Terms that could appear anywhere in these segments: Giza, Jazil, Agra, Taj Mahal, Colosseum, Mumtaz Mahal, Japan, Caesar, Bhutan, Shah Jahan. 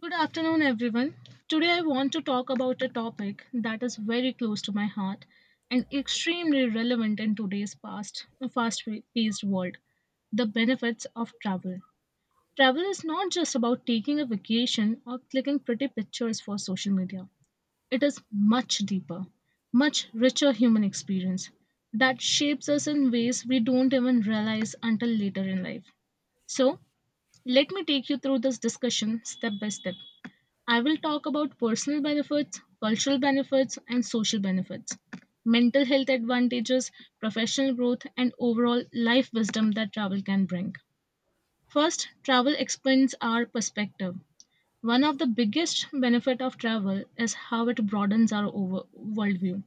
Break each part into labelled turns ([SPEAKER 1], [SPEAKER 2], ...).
[SPEAKER 1] Good afternoon, everyone. Today, I want to talk about a topic that is very close to my heart and extremely relevant in today's fast-paced world: the benefits of travel. Travel is not just about taking a vacation or clicking pretty pictures for social media. It is much deeper, much richer human experience that shapes us in ways we don't even realize until later in life. So, Let me take you through this discussion step by step. I will talk about personal benefits, cultural benefits, and social benefits, mental health advantages, professional growth, and overall life wisdom that travel can bring. First, travel expands our perspective. One of the biggest benefit of travel is how it broadens our worldview.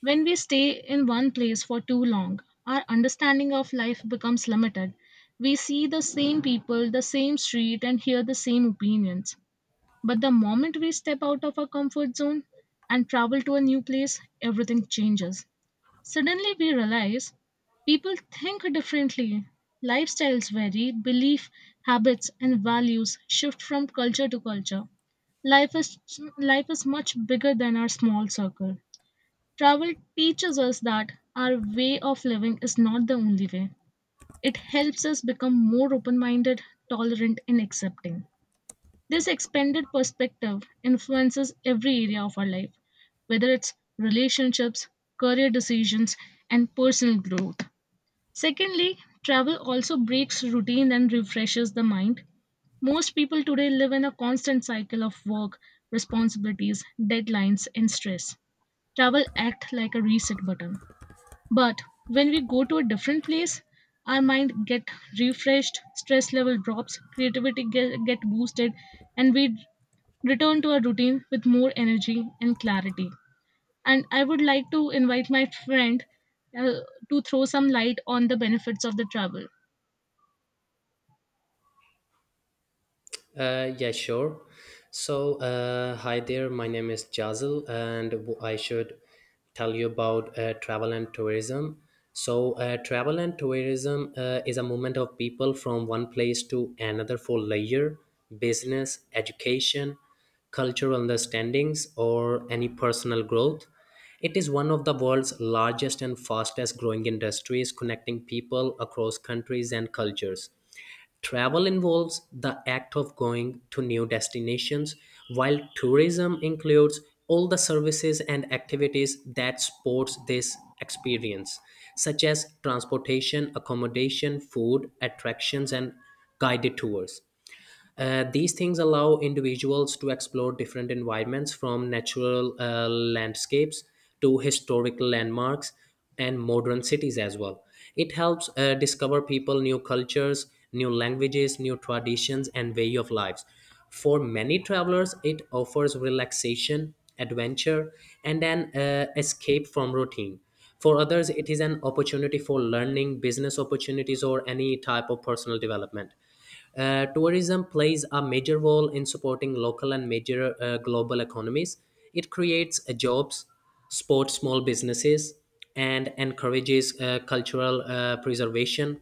[SPEAKER 1] When we stay in one place for too long, our understanding of life becomes limited. We see the same people, the same street, and hear the same opinions. But the moment we step out of our comfort zone and travel to a new place, everything changes. Suddenly we realize people think differently. Lifestyles vary, belief, habits, and values shift from culture to culture. Life is, life is much bigger than our small circle. Travel teaches us that our way of living is not the only way. It helps us become more open minded, tolerant, and accepting. This expanded perspective influences every area of our life, whether it's relationships, career decisions, and personal growth. Secondly, travel also breaks routine and refreshes the mind. Most people today live in a constant cycle of work, responsibilities, deadlines, and stress. Travel acts like a reset button. But when we go to a different place, our mind get refreshed, stress level drops, creativity get boosted, and we return to our routine with more energy and clarity. And I would like to invite my friend uh, to throw some light on the benefits of the travel.
[SPEAKER 2] Yeah, sure. So, hi there. My name is Jazil, and I should tell you about travel and tourism. So, travel and tourism is a movement of people from one place to another for leisure, business, education, cultural understandings, or any personal growth. It is one of the world's largest and fastest growing industries, connecting people across countries and cultures. Travel involves the act of going to new destinations, while tourism includes all the services and activities that supports this experience, such as transportation, accommodation, food, attractions, and guided tours. These things allow individuals to explore different environments from natural landscapes to historical landmarks and modern cities as well. It helps discover people, new cultures, new languages, new traditions, and way of lives. For many travelers, it offers relaxation, adventure, and an escape from routine. For others, it is an opportunity for learning, business opportunities, or any type of personal development. Tourism plays a major role in supporting local and major global economies. It creates jobs, supports small businesses, and encourages cultural preservation.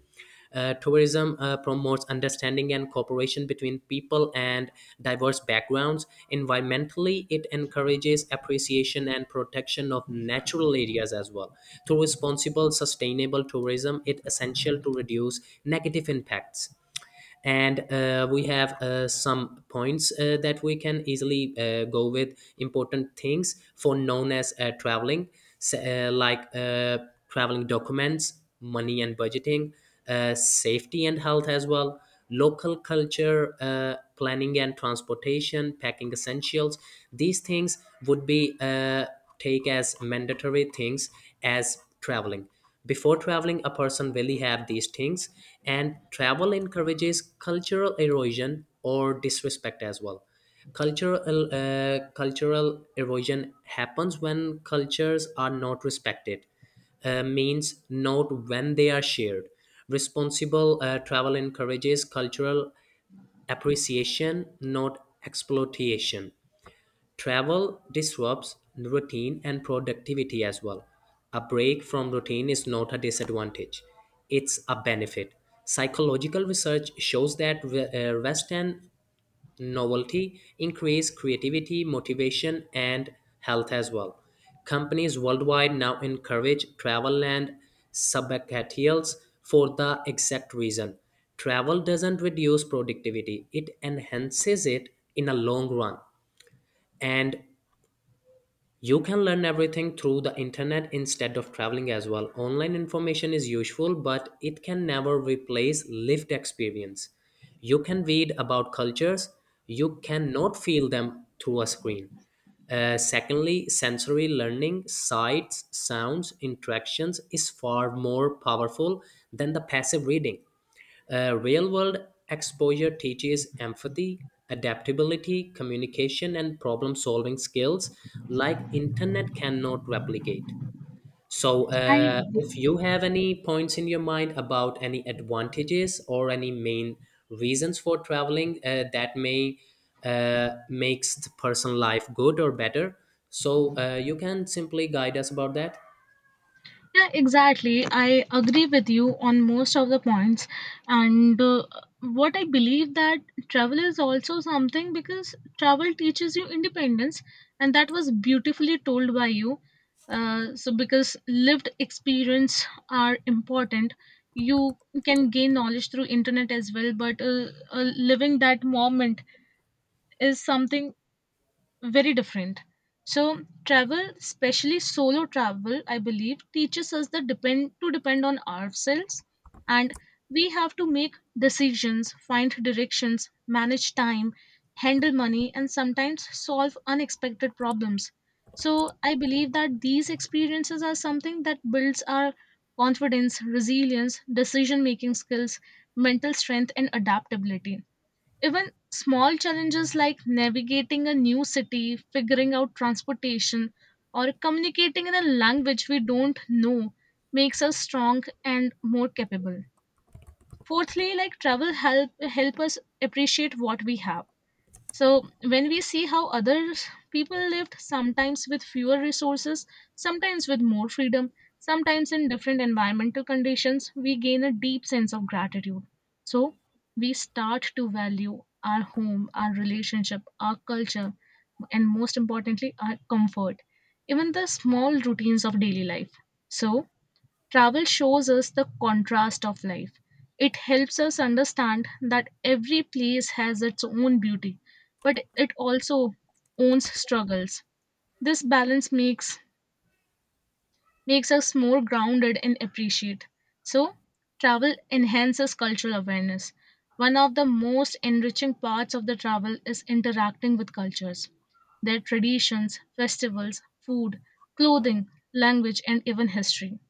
[SPEAKER 2] Tourism promotes understanding and cooperation between people and diverse backgrounds. Environmentally, it encourages appreciation and protection of natural areas as well. Through responsible, sustainable tourism, it's essential to reduce negative impacts, and we have some points that we can easily go with, important things for known as traveling, like traveling documents, money and budgeting, safety and health as well, local culture, planning and transportation, packing essentials. These things would be take as mandatory things as traveling. Before traveling, a person will have these things, and travel encourages cultural erosion or disrespect as well. Cultural erosion happens when cultures are not respected. Means not when they are shared. Responsible travel encourages cultural appreciation, not exploitation. Travel disrupts routine and productivity as well. A break from routine is not a disadvantage, it's a benefit. Psychological research shows that rest and novelty increase creativity, motivation, and health as well. Companies worldwide now encourage travel and sabbaticals for the exact reason. Travel doesn't reduce productivity, it enhances it in a long run, and you can learn everything through the internet instead of traveling as well. Online information is useful, but it can never replace lived experience. You can read about cultures, you cannot feel them through a screen. Secondly, sensory learning, sights, sounds, interactions is far more powerful than the passive reading. Real world exposure teaches empathy, adaptability, communication, and problem solving skills like internet cannot replicate. So,
[SPEAKER 1] I.
[SPEAKER 2] if you have any points in your mind about any advantages or any main reasons for traveling that may makes the person life good or better, so you can simply guide us about that.
[SPEAKER 1] Yeah, exactly. I agree with you on most of the points. And what I believe that travel is also something because travel teaches you independence, and that was beautifully told by you. So, because lived experience are important, you can gain knowledge through internet as well. But living that moment is something very different. So travel, especially solo travel, I believe teaches us the depend on ourselves, and we have to make decisions, find directions, manage time, handle money and sometimes solve unexpected problems. So I believe that these experiences are something that builds our confidence, resilience, decision making skills, mental strength and adaptability, even small challenges like navigating a new city, figuring out transportation, or communicating in a language we don't know makes us strong and more capable. Fourthly, like travel help help us appreciate what we have. So, when we see how others people lived, sometimes with fewer resources, sometimes with more freedom, sometimes in different environmental conditions, we gain a deep sense of gratitude. So, we start to value our home, our relationship, our culture, and most importantly, our comfort, even the small routines of daily life. So, travel shows us the contrast of life. It helps us understand that every place has its own beauty, but it also owns struggles. This balance makes makes us more grounded and appreciate. So, travel enhances cultural awareness. One of the most enriching parts of the travel is interacting with cultures, their traditions, festivals, food, clothing, language, and even history.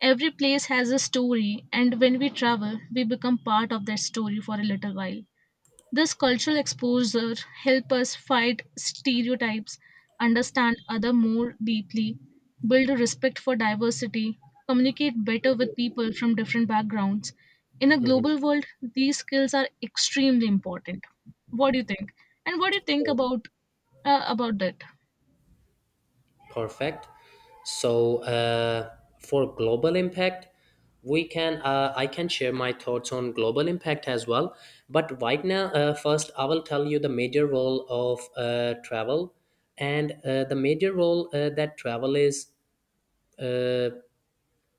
[SPEAKER 1] Every place has a story, and when we travel, we become part of that story for a little while. This cultural exposure helps us fight stereotypes, understand other more deeply, build a respect for diversity, communicate better with people from different backgrounds. In a
[SPEAKER 2] Mhm.
[SPEAKER 1] global world, these skills are extremely important. What do you think? And what do you think about that?
[SPEAKER 2] Perfect. So, for global impact, we can I can share my thoughts on global impact as well. But right now, first I will tell you the major role of travel, and the major role that travel is uh,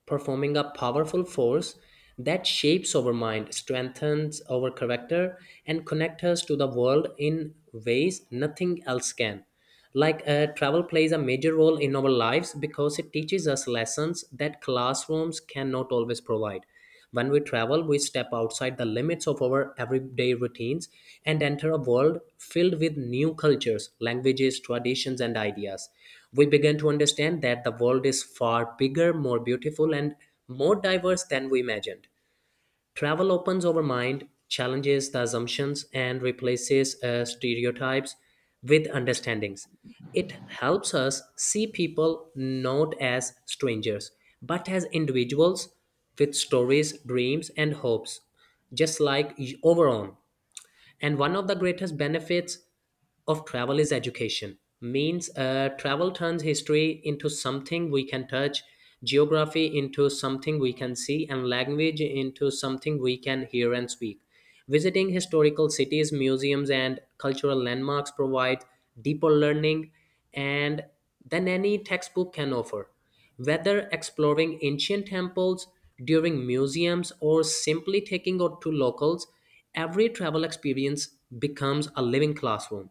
[SPEAKER 2] performing, a powerful force that shapes our mind, strengthens our character, and connects us to the world in ways nothing else can. Like travel plays a major role in our lives because it teaches us lessons that classrooms cannot always provide. When we travel, we step outside the limits of our everyday routines and enter a world filled with new cultures, languages, traditions, and ideas. We begin to understand that the world is far bigger, more beautiful, and more diverse than we imagined. Travel opens our mind, challenges the assumptions, and replaces stereotypes with understandings. It helps us see people not as strangers, but as individuals with stories, dreams, and hopes, just like our own. And one of the greatest benefits of travel is education, means travel turns history into something we can touch, geography into something we can see, and language into something we can hear and speak. Visiting historical cities, museums, and cultural landmarks provide deeper learning and than any textbook can offer. Whether exploring ancient temples during museums or simply taking out to locals, every travel experience becomes a living classroom.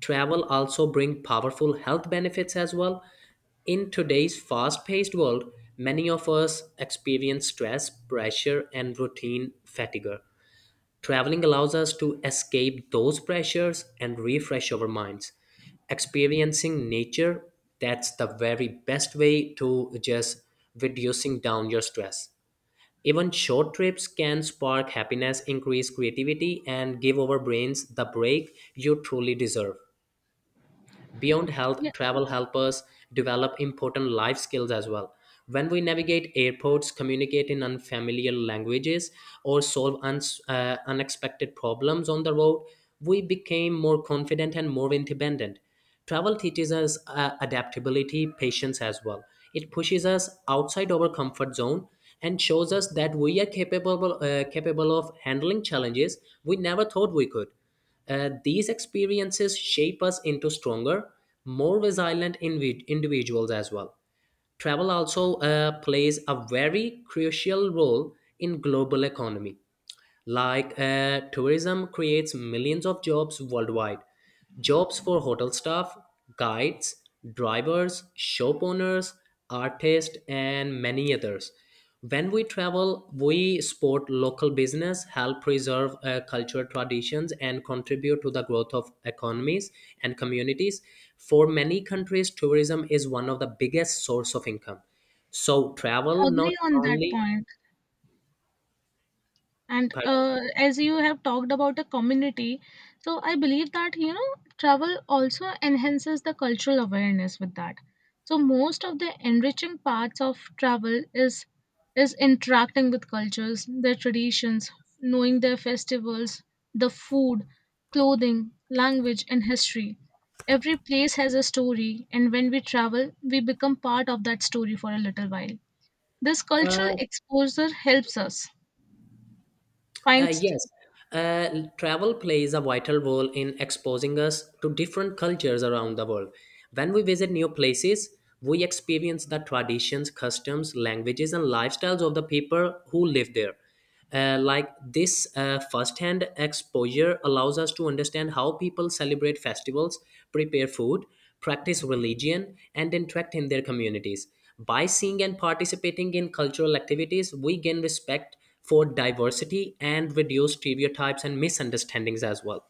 [SPEAKER 2] Travel also bring powerful health benefits as well. In today's fast-paced world, many of us experience stress, pressure, and routine fatigue. Traveling allows us to escape those pressures and refresh our minds. Experiencing nature, that's the very best way to just reducing down your stress. Even short trips can spark happiness, increase creativity, and give our brains the break you truly deserve. Beyond
[SPEAKER 1] Yeah,
[SPEAKER 2] health, travel help us develop important life skills as well. When we navigate airports, communicate in unfamiliar languages, or solve uns unexpected problems on the road, we became more confident and more independent. Travel teaches us adaptability, patience as well. It pushes us outside our comfort zone and shows us that we are capable of handling challenges we never thought we could. These experiences shape us into stronger, more resilient individuals as well. Travel also plays a very crucial role in global economy. Like tourism creates millions of jobs worldwide. Jobs for hotel staff, guides, drivers, shop owners, artists, and many others. When we travel, we support local business, help preserve cultural traditions, and contribute to the growth of economies and communities. For many countries, tourism is one of the biggest source of income. So travel not
[SPEAKER 1] agree on that
[SPEAKER 2] only
[SPEAKER 1] point. And
[SPEAKER 2] but
[SPEAKER 1] as you have talked about the community, so I believe that you know travel also enhances the cultural awareness with that. So most of the enriching parts of travel is interacting with cultures, their traditions, knowing their festivals, the food, clothing, language, and history. Every place has a story, and when we travel, we become part of that story for a little while. This cultural
[SPEAKER 2] uh,
[SPEAKER 1] exposure helps us find.
[SPEAKER 2] Yes, travel plays a vital role in exposing us to different cultures around the world. When we visit new places, we experience the traditions, customs, languages, and lifestyles of the people who live there. Like this first-hand exposure allows us to understand how people celebrate festivals, prepare food, practice religion, and interact in their communities. By seeing and participating in cultural activities, we gain respect for diversity and reduce stereotypes and misunderstandings as well.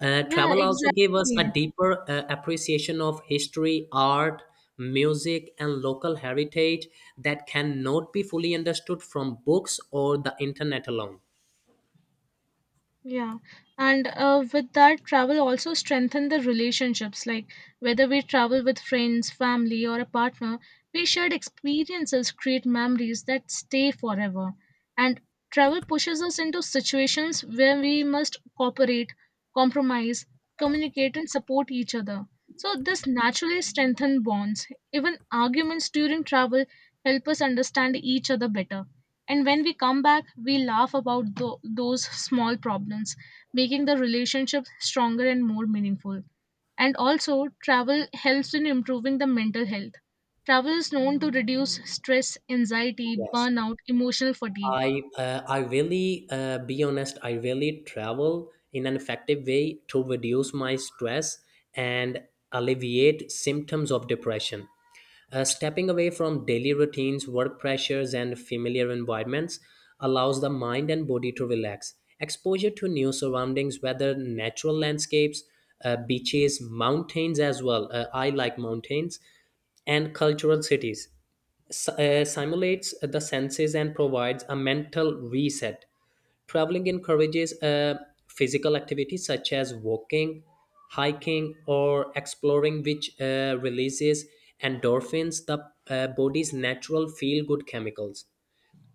[SPEAKER 1] Yeah,
[SPEAKER 2] Travel also gave us a
[SPEAKER 1] exactly.
[SPEAKER 2] deeper appreciation of history, art, music, and local heritage that cannot be fully understood from books or the internet alone.
[SPEAKER 1] Yeah. And with that, travel also strengthen the relationships. Like whether we travel with friends, family, or a partner, we shared experiences create memories that stay forever. And travel pushes us into situations where we must cooperate, compromise, communicate, and support each other. So this naturally strengthens bonds. Even arguments during travel help us understand each other better. And when we come back, we laugh about those small problems, making the relationship stronger and more meaningful. And also, travel helps in improving the mental health. Travel is known to reduce stress, anxiety,
[SPEAKER 2] Yes.
[SPEAKER 1] burnout, emotional fatigue.
[SPEAKER 2] I really, be honest. I really travel in an effective way to reduce my stress and alleviate symptoms of depression. Stepping away from daily routines, work pressures, and familiar environments allows the mind and body to relax. Exposure to new surroundings, whether natural landscapes, beaches, mountains as well. I like mountains and cultural cities simulates the senses and provides a mental reset. Traveling encourages physical activity such as walking, hiking, or exploring, which releases endorphins, the body's natural feel good chemicals.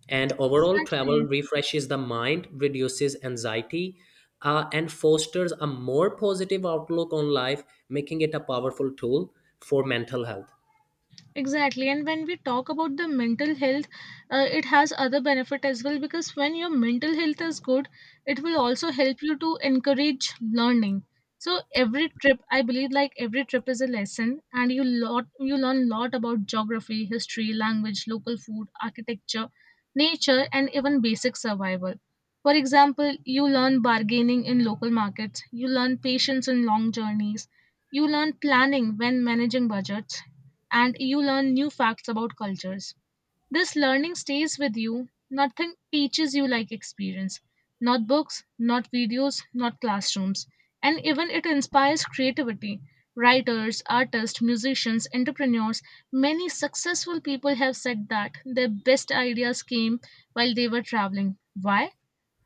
[SPEAKER 2] And overall, travel
[SPEAKER 1] Exactly.
[SPEAKER 2] refreshes the mind, reduces anxiety, and fosters a more positive outlook on life, making it a powerful tool for mental health.
[SPEAKER 1] Exactly. And when we talk about the mental health, it has other benefit as well because when your mental health is good, it will also help you to encourage learning. So every trip, I believe like every trip is a lesson and you learn lot about geography, history, language, local food, architecture, nature and even basic survival. For example, you learn bargaining in local markets, you learn patience in long journeys, you learn planning when managing budgets and you learn new facts about cultures. This learning stays with you. Nothing teaches you like experience. Not books, not videos, not classrooms. And even it inspires creativity. Writers, artists, musicians, entrepreneurs, many successful people have said that their best ideas came while they were traveling. Why?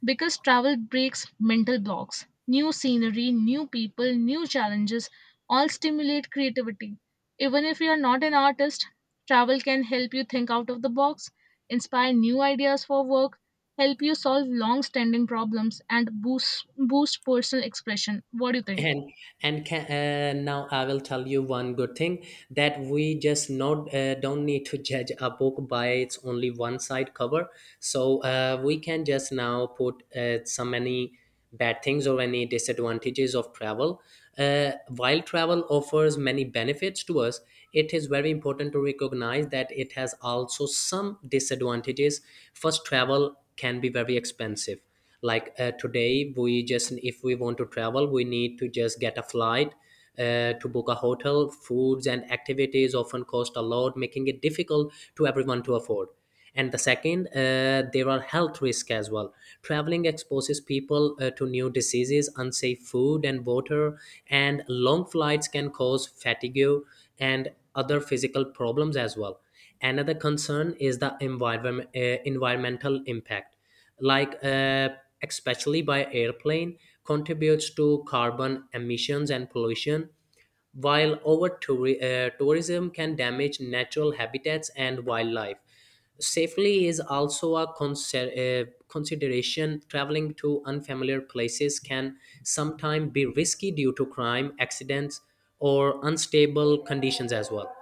[SPEAKER 1] Because travel breaks mental blocks. New scenery, new people, new challenges all stimulate creativity. Even if you are not an artist, travel can help you think out of the box, inspire new ideas for work, help you solve long standing problems, and boost personal expression. What do you think?
[SPEAKER 2] and and can, now I will tell you one good thing, that we just not don't need to judge a book by its only one side cover. So we can just now put so many bad things or any disadvantages of travel. While travel offers many benefits to us, it is very important to recognize that it has also some disadvantages. First, travel can be very expensive. Like today we just, if we want to travel we need to just get a flight, to book a hotel, foods and activities often cost a lot, making it difficult to everyone to afford. And the second, there are health risks as well. Traveling exposes people to new diseases, unsafe food and water, and long flights can cause fatigue and other physical problems as well. Another concern is the environmental impact. Like, especially by airplane, contributes to carbon emissions and pollution, while tourism can damage natural habitats and wildlife. Safely is also a consideration. Traveling to unfamiliar places can sometimes be risky due to crime, accidents, or unstable conditions as well.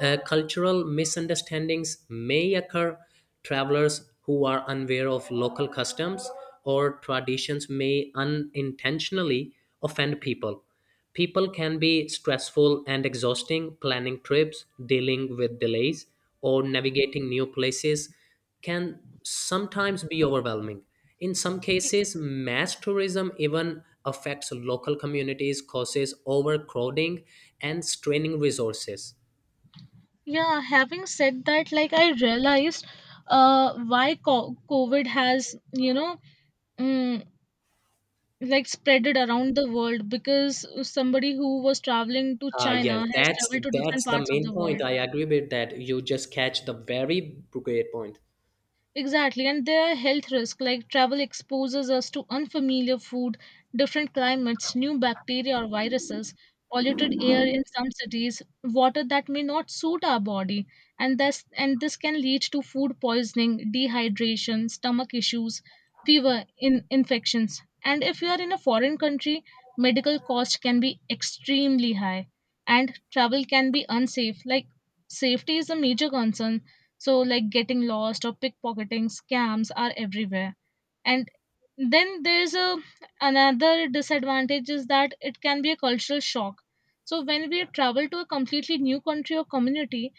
[SPEAKER 2] Cultural misunderstandings may occur. Travelers who are unaware of local customs or traditions may unintentionally offend people. People can be stressful and exhausting. Planning trips, dealing with delays, or navigating new places can sometimes be overwhelming. In some cases, mass tourism even affects local communities, causes overcrowding, and straining resources.
[SPEAKER 1] Yeah, having said that, like I realized why covid has, you know, mm like spread it around the world because somebody who was traveling to china
[SPEAKER 2] Yes,
[SPEAKER 1] has
[SPEAKER 2] that's
[SPEAKER 1] traveled to different
[SPEAKER 2] that's the
[SPEAKER 1] parts of the
[SPEAKER 2] main
[SPEAKER 1] world.
[SPEAKER 2] point. I agree with that. You just catch the very great point.
[SPEAKER 1] Exactly, and there are health risks like travel exposes us to unfamiliar food, different climates, new bacteria or viruses, polluted air in some cities, water that may not suit our body, and this can lead to food poisoning, dehydration, stomach issues, fever, in infections. And if you are in a foreign country, medical cost can be extremely high, and travel can be unsafe. Like safety is a major concern, so, like getting lost or pickpocketing scams are everywhere. And then there's a another disadvantage is that it can be a cultural shock. So, when we travel to a completely new country or community,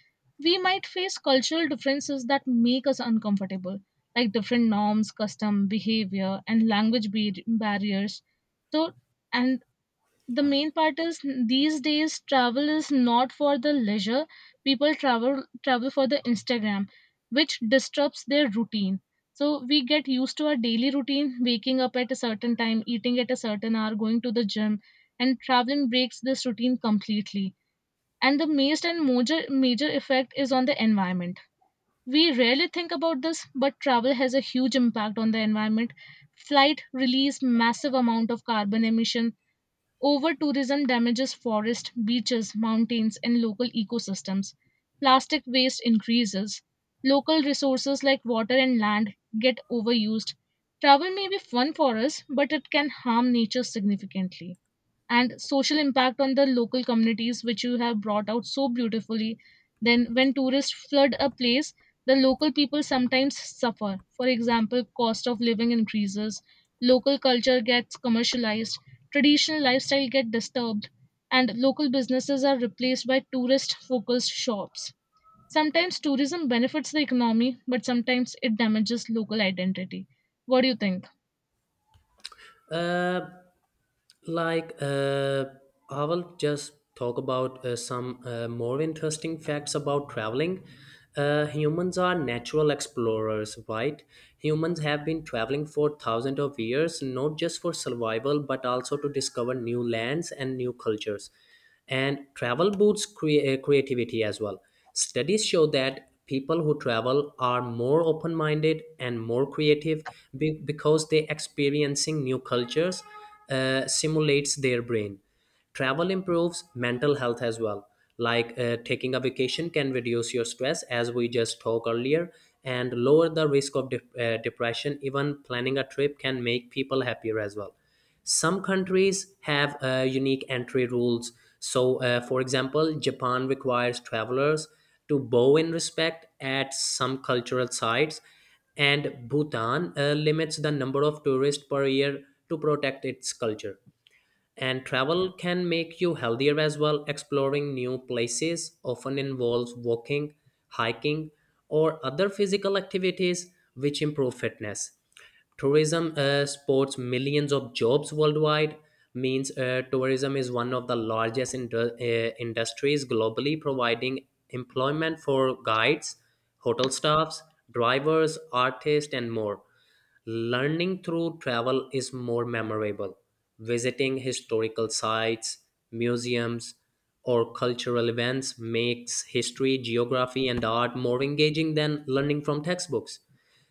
[SPEAKER 1] we might face cultural differences that make us uncomfortable, like different norms, custom, behavior, and barriers. So, and the main part is, these days travel is not for the leisure, people travel for the instagram, which disrupts their routine. So we get used to our daily routine, waking up at a certain time, eating at a certain hour, going to the gym, and traveling breaks this routine completely. And the most and major effect is on the environment. We rarely think about this, but travel has a huge impact on the environment. Flight release massive amount of carbon emission, over tourism damages forests, beaches, mountains, and local ecosystems. Plastic waste increases. Local resources like water and land get overused. Travel may be fun for us, but it can harm nature significantly, and social impact on the local communities, which you have brought out so beautifully. Then, when tourists flood a place, the local people sometimes suffer. For example, cost of living increases, local culture gets commercialized, traditional lifestyle get disturbed, and local businesses are replaced by tourist focused shops. Sometimes tourism benefits the economy, but sometimes it damages local identity. What do you think?
[SPEAKER 2] Uh, like, I will just talk about some more interesting facts about traveling. Humans are natural explorers, right? Humans have been traveling for thousands of years, not just for survival, but also to discover new lands and new cultures. And travel boosts creativity as well. Studies show that people who travel are more open-minded and more creative because they experiencing new cultures, simulates their brain. Travel improves mental health as well, like taking a vacation can reduce your stress as we just talked earlier and lower the risk of depression. Even planning a trip can make people happier as well. Some countries have unique entry rules. So, for example, Japan requires travelers to bow in respect at some cultural sites, and Bhutan limits the number of tourists per year to protect its culture. And travel can make you healthier as well. Exploring new places often involves walking, hiking, or other physical activities which improve fitness. Tourism supports millions of jobs worldwide. Means tourism is one of the largest industries globally, providing employment for guides, hotel staffs, drivers, artists, and more. Learning through travel is more memorable. Visiting historical sites, museums, or cultural events makes history, geography, and art more engaging than learning from textbooks.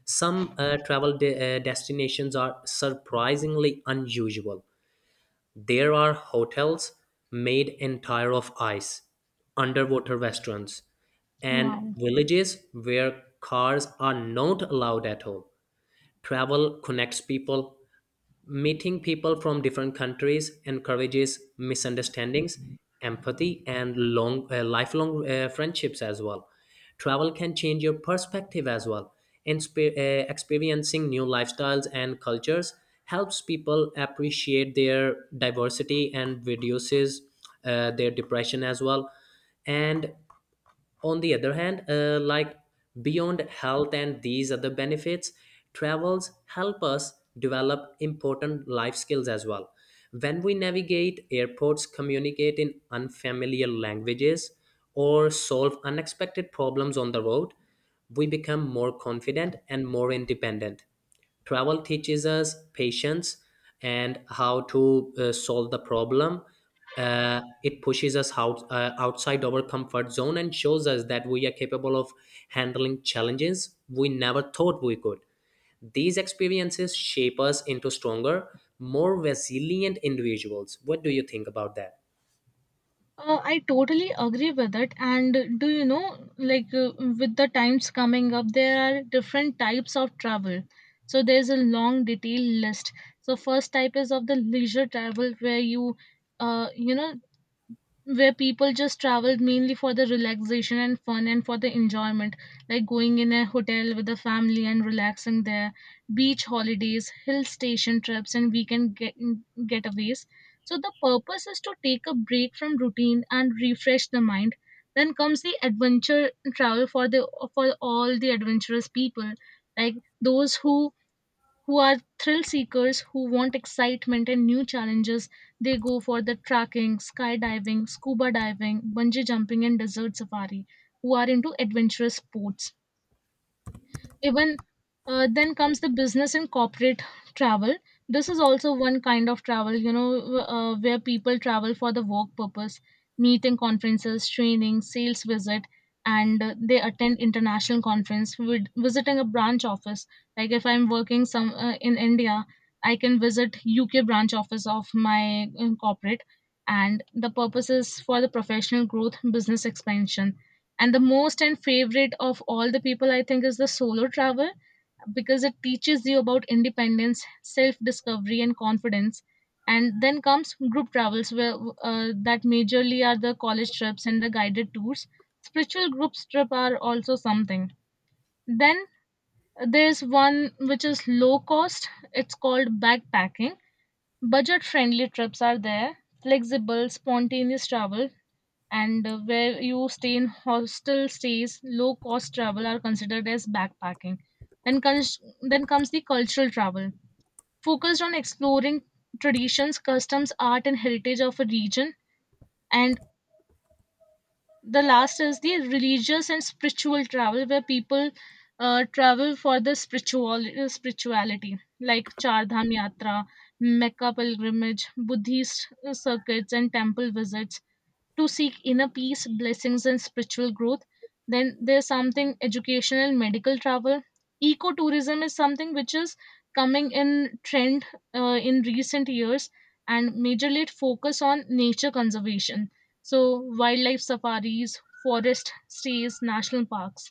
[SPEAKER 2] Some travel destinations are surprisingly unusual. There are hotels made entire of ice, underwater restaurants, and
[SPEAKER 1] Wow.
[SPEAKER 2] villages where cars are not allowed at all. Travel connects people. Meeting people from different countries encourages misunderstandings, empathy, and lifelong friendships as well. Travel can change your perspective as well. Experiencing new lifestyles and cultures helps people appreciate their diversity and reduces their depression as well. And on the other hand, like beyond health and these other benefits, travels help us develop important life skills as well. When we navigate airports, communicate in unfamiliar languages, or solve unexpected problems on the road, we become more confident and more independent. Travel teaches us patience and how to solve the problem. Uh, it pushes us out, outside our comfort zone and shows us that we are capable of handling challenges we never thought we could. These experiences shape us into stronger, more resilient individuals. What do you think about that?
[SPEAKER 1] I totally agree with it. And do you know, like with the times coming up, there are different types of travel. So there's a long detailed list. So first type is of the leisure travel where you, you know, where people just travel mainly for the relaxation and fun and for the enjoyment, like going in a hotel with the family and relaxing there, beach holidays, hill station trips, and weekend getaways. So the purpose is to take a break from routine and refresh the mind. Then comes the adventure travel, for all the adventurous people, like those who are thrill seekers, who want excitement and new challenges. They go for the trekking, skydiving, scuba diving, bungee jumping, and desert safari, who are into adventurous sports even. Then comes the business and corporate travel. This is also one kind of travel, you know, where people travel for the work purpose, meeting conferences, training, sales visit, and they attend international conference, with visiting a branch office. Like if I'm working some in India, I can visit UK branch office of my corporate, and the purpose is for the professional growth, business expansion, and the most and favorite of all the people, I think, is the solo travel, because it teaches you about independence, self discovery, and confidence. And then comes group travels, where that majorly are the college trips and the guided tours. Spiritual group trip are also something. Then there's one which is low cost. It's called backpacking. Budget friendly trips are there. Flexible, spontaneous travel, and where you stay in hostel stays, low cost travel are considered as backpacking. Then, then comes the cultural travel, focused on exploring traditions, customs, art, and heritage of a region. And the last is the religious and spiritual travel, where people travel for the spirituality, like Chardham Yatra, Mecca pilgrimage, Buddhist circuits, and temple visits to seek inner peace, blessings, and spiritual growth. Then there's something educational, medical travel. Ecotourism is something which is coming in trend in recent years, and majorly it focus on nature conservation. So wildlife safaris, forest stays, national parks.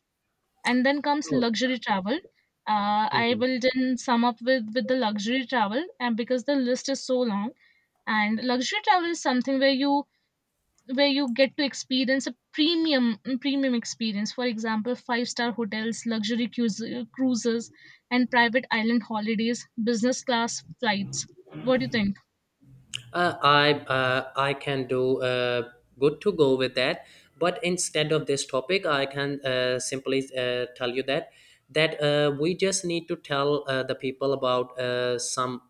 [SPEAKER 1] And then comes
[SPEAKER 2] Oh.
[SPEAKER 1] luxury travel. I
[SPEAKER 2] Mhm.
[SPEAKER 1] will then sum up with the luxury travel, and because the list is so long. And luxury travel is something where you get to experience a premium experience, for example five-star hotels, cruises, and private island holidays, business class flights. What do you think?
[SPEAKER 2] I can do good to go with that. But instead of this topic, I can simply tell you that we just need to tell the people about some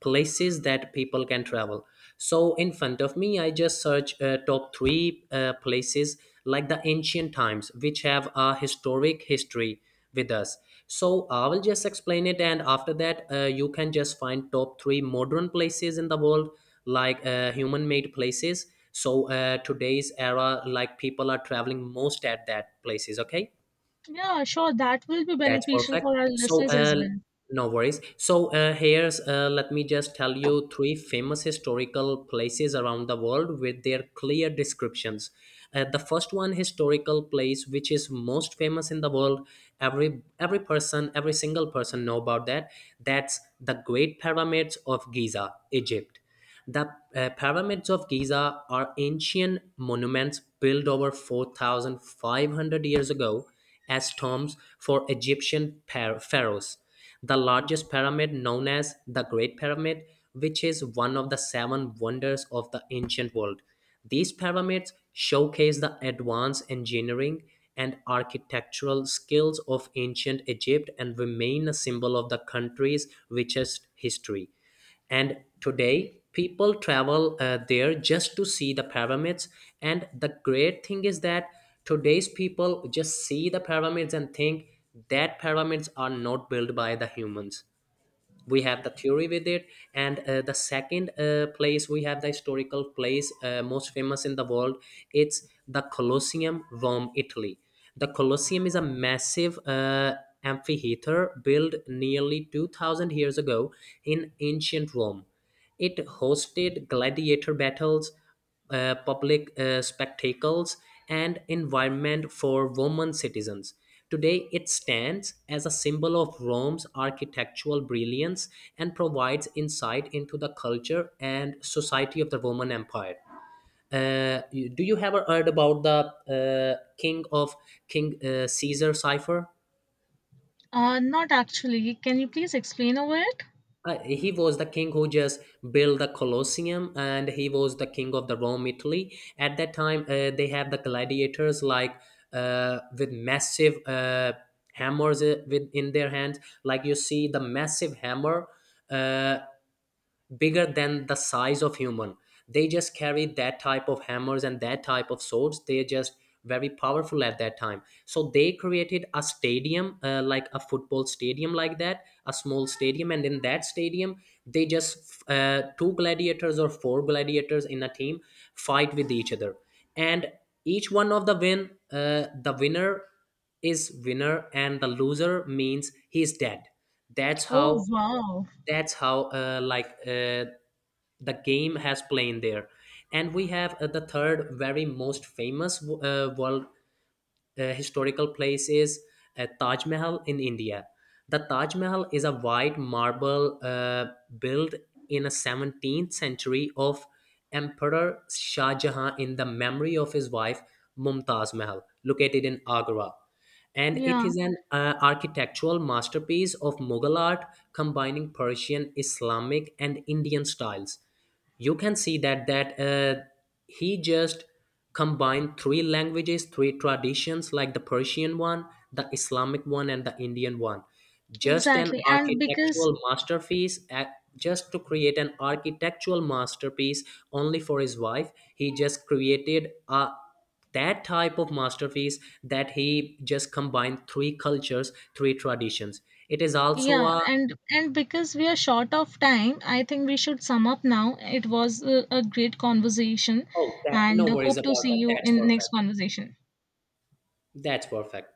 [SPEAKER 2] places that people can travel. So in front of me, I just search top three places like the ancient times, which have a historic history with us. So I will just explain it, and after that, you can just find top three modern places in the world, like human made places. So today's era, like people are traveling most at that places, okay?
[SPEAKER 1] Yeah, sure, that will be
[SPEAKER 2] That's
[SPEAKER 1] beneficial
[SPEAKER 2] perfect.
[SPEAKER 1] for our
[SPEAKER 2] So
[SPEAKER 1] listeners as well.
[SPEAKER 2] no worries. So here's let me just tell you three famous historical places around the world with their clear descriptions. Uh, the first one historical place which is most famous in the world, every person, every single person know about that. That's the Great Pyramids of Giza, Egypt. The pyramids of Giza are ancient monuments built over 4,500 years ago as tombs for Egyptian pharaohs. The largest pyramid, known as the Great Pyramid, which is one of the seven wonders of the ancient world. These pyramids showcase the advanced engineering and architectural skills of ancient Egypt and remain a symbol of the country's richest history. And today, people travel there just to see the pyramids. And the great thing is that today's people just see the pyramids and think that pyramids are not built by the humans. We have the theory with it. And the second place we have, the historical place most famous in the world, it's the Colosseum, Rome, Italy. The Colosseum is a massive amphitheater built nearly 2000 years ago in ancient Rome. It hosted gladiator battles, public spectacles, and environment for Roman citizens. Today, it stands as a symbol of Rome's architectural brilliance and provides insight into the culture and society of the Roman Empire. Do you ever heard about the king of King Caesar cipher?
[SPEAKER 1] Uh, not actually, can you please explain over it?
[SPEAKER 2] He was the king who just built the Colosseum, and he was the king of the Rome, Italy. At that time, they have the gladiators like with massive hammers with in their hands. Like you see the massive hammer. Uh, Bigger than the size of human, they just carry that type of hammers and that type of swords. They're just very powerful at that time, so they created a stadium, like a football stadium, like that, a small stadium. And in that stadium, they just two gladiators or four gladiators in a team fight with each other. And each one of the win the winner is winner, and the loser means he's dead. That's
[SPEAKER 1] Oh
[SPEAKER 2] how,
[SPEAKER 1] wow.
[SPEAKER 2] that's how like the game has played there. And we have the third, very most famous world historical place is Taj Mahal in India. The Taj Mahal is a white marble built in a 17th century of emperor Shah Jahan in the memory of his wife Mumtaz Mahal, located in Agra, and it
[SPEAKER 1] Yeah,
[SPEAKER 2] is an architectural masterpiece of Mughal art combining Persian, Islamic, and Indian styles. You can see that that he just combined three languages, three traditions, like the Persian one, the Islamic one, and the Indian one. Just an
[SPEAKER 1] exactly. And because,
[SPEAKER 2] architectural masterpiece at, just to create an architectural masterpiece only for his wife. He just created a that type of masterpiece, that he just combined three cultures, three traditions. It is also
[SPEAKER 1] yeah,
[SPEAKER 2] a,
[SPEAKER 1] and because we are short of time, I think we should sum up now. It was a great conversation,
[SPEAKER 2] oh, that
[SPEAKER 1] and
[SPEAKER 2] no worries
[SPEAKER 1] hope to
[SPEAKER 2] about
[SPEAKER 1] see
[SPEAKER 2] that,
[SPEAKER 1] you
[SPEAKER 2] that's
[SPEAKER 1] in next
[SPEAKER 2] perfect.
[SPEAKER 1] conversation.
[SPEAKER 2] That's perfect.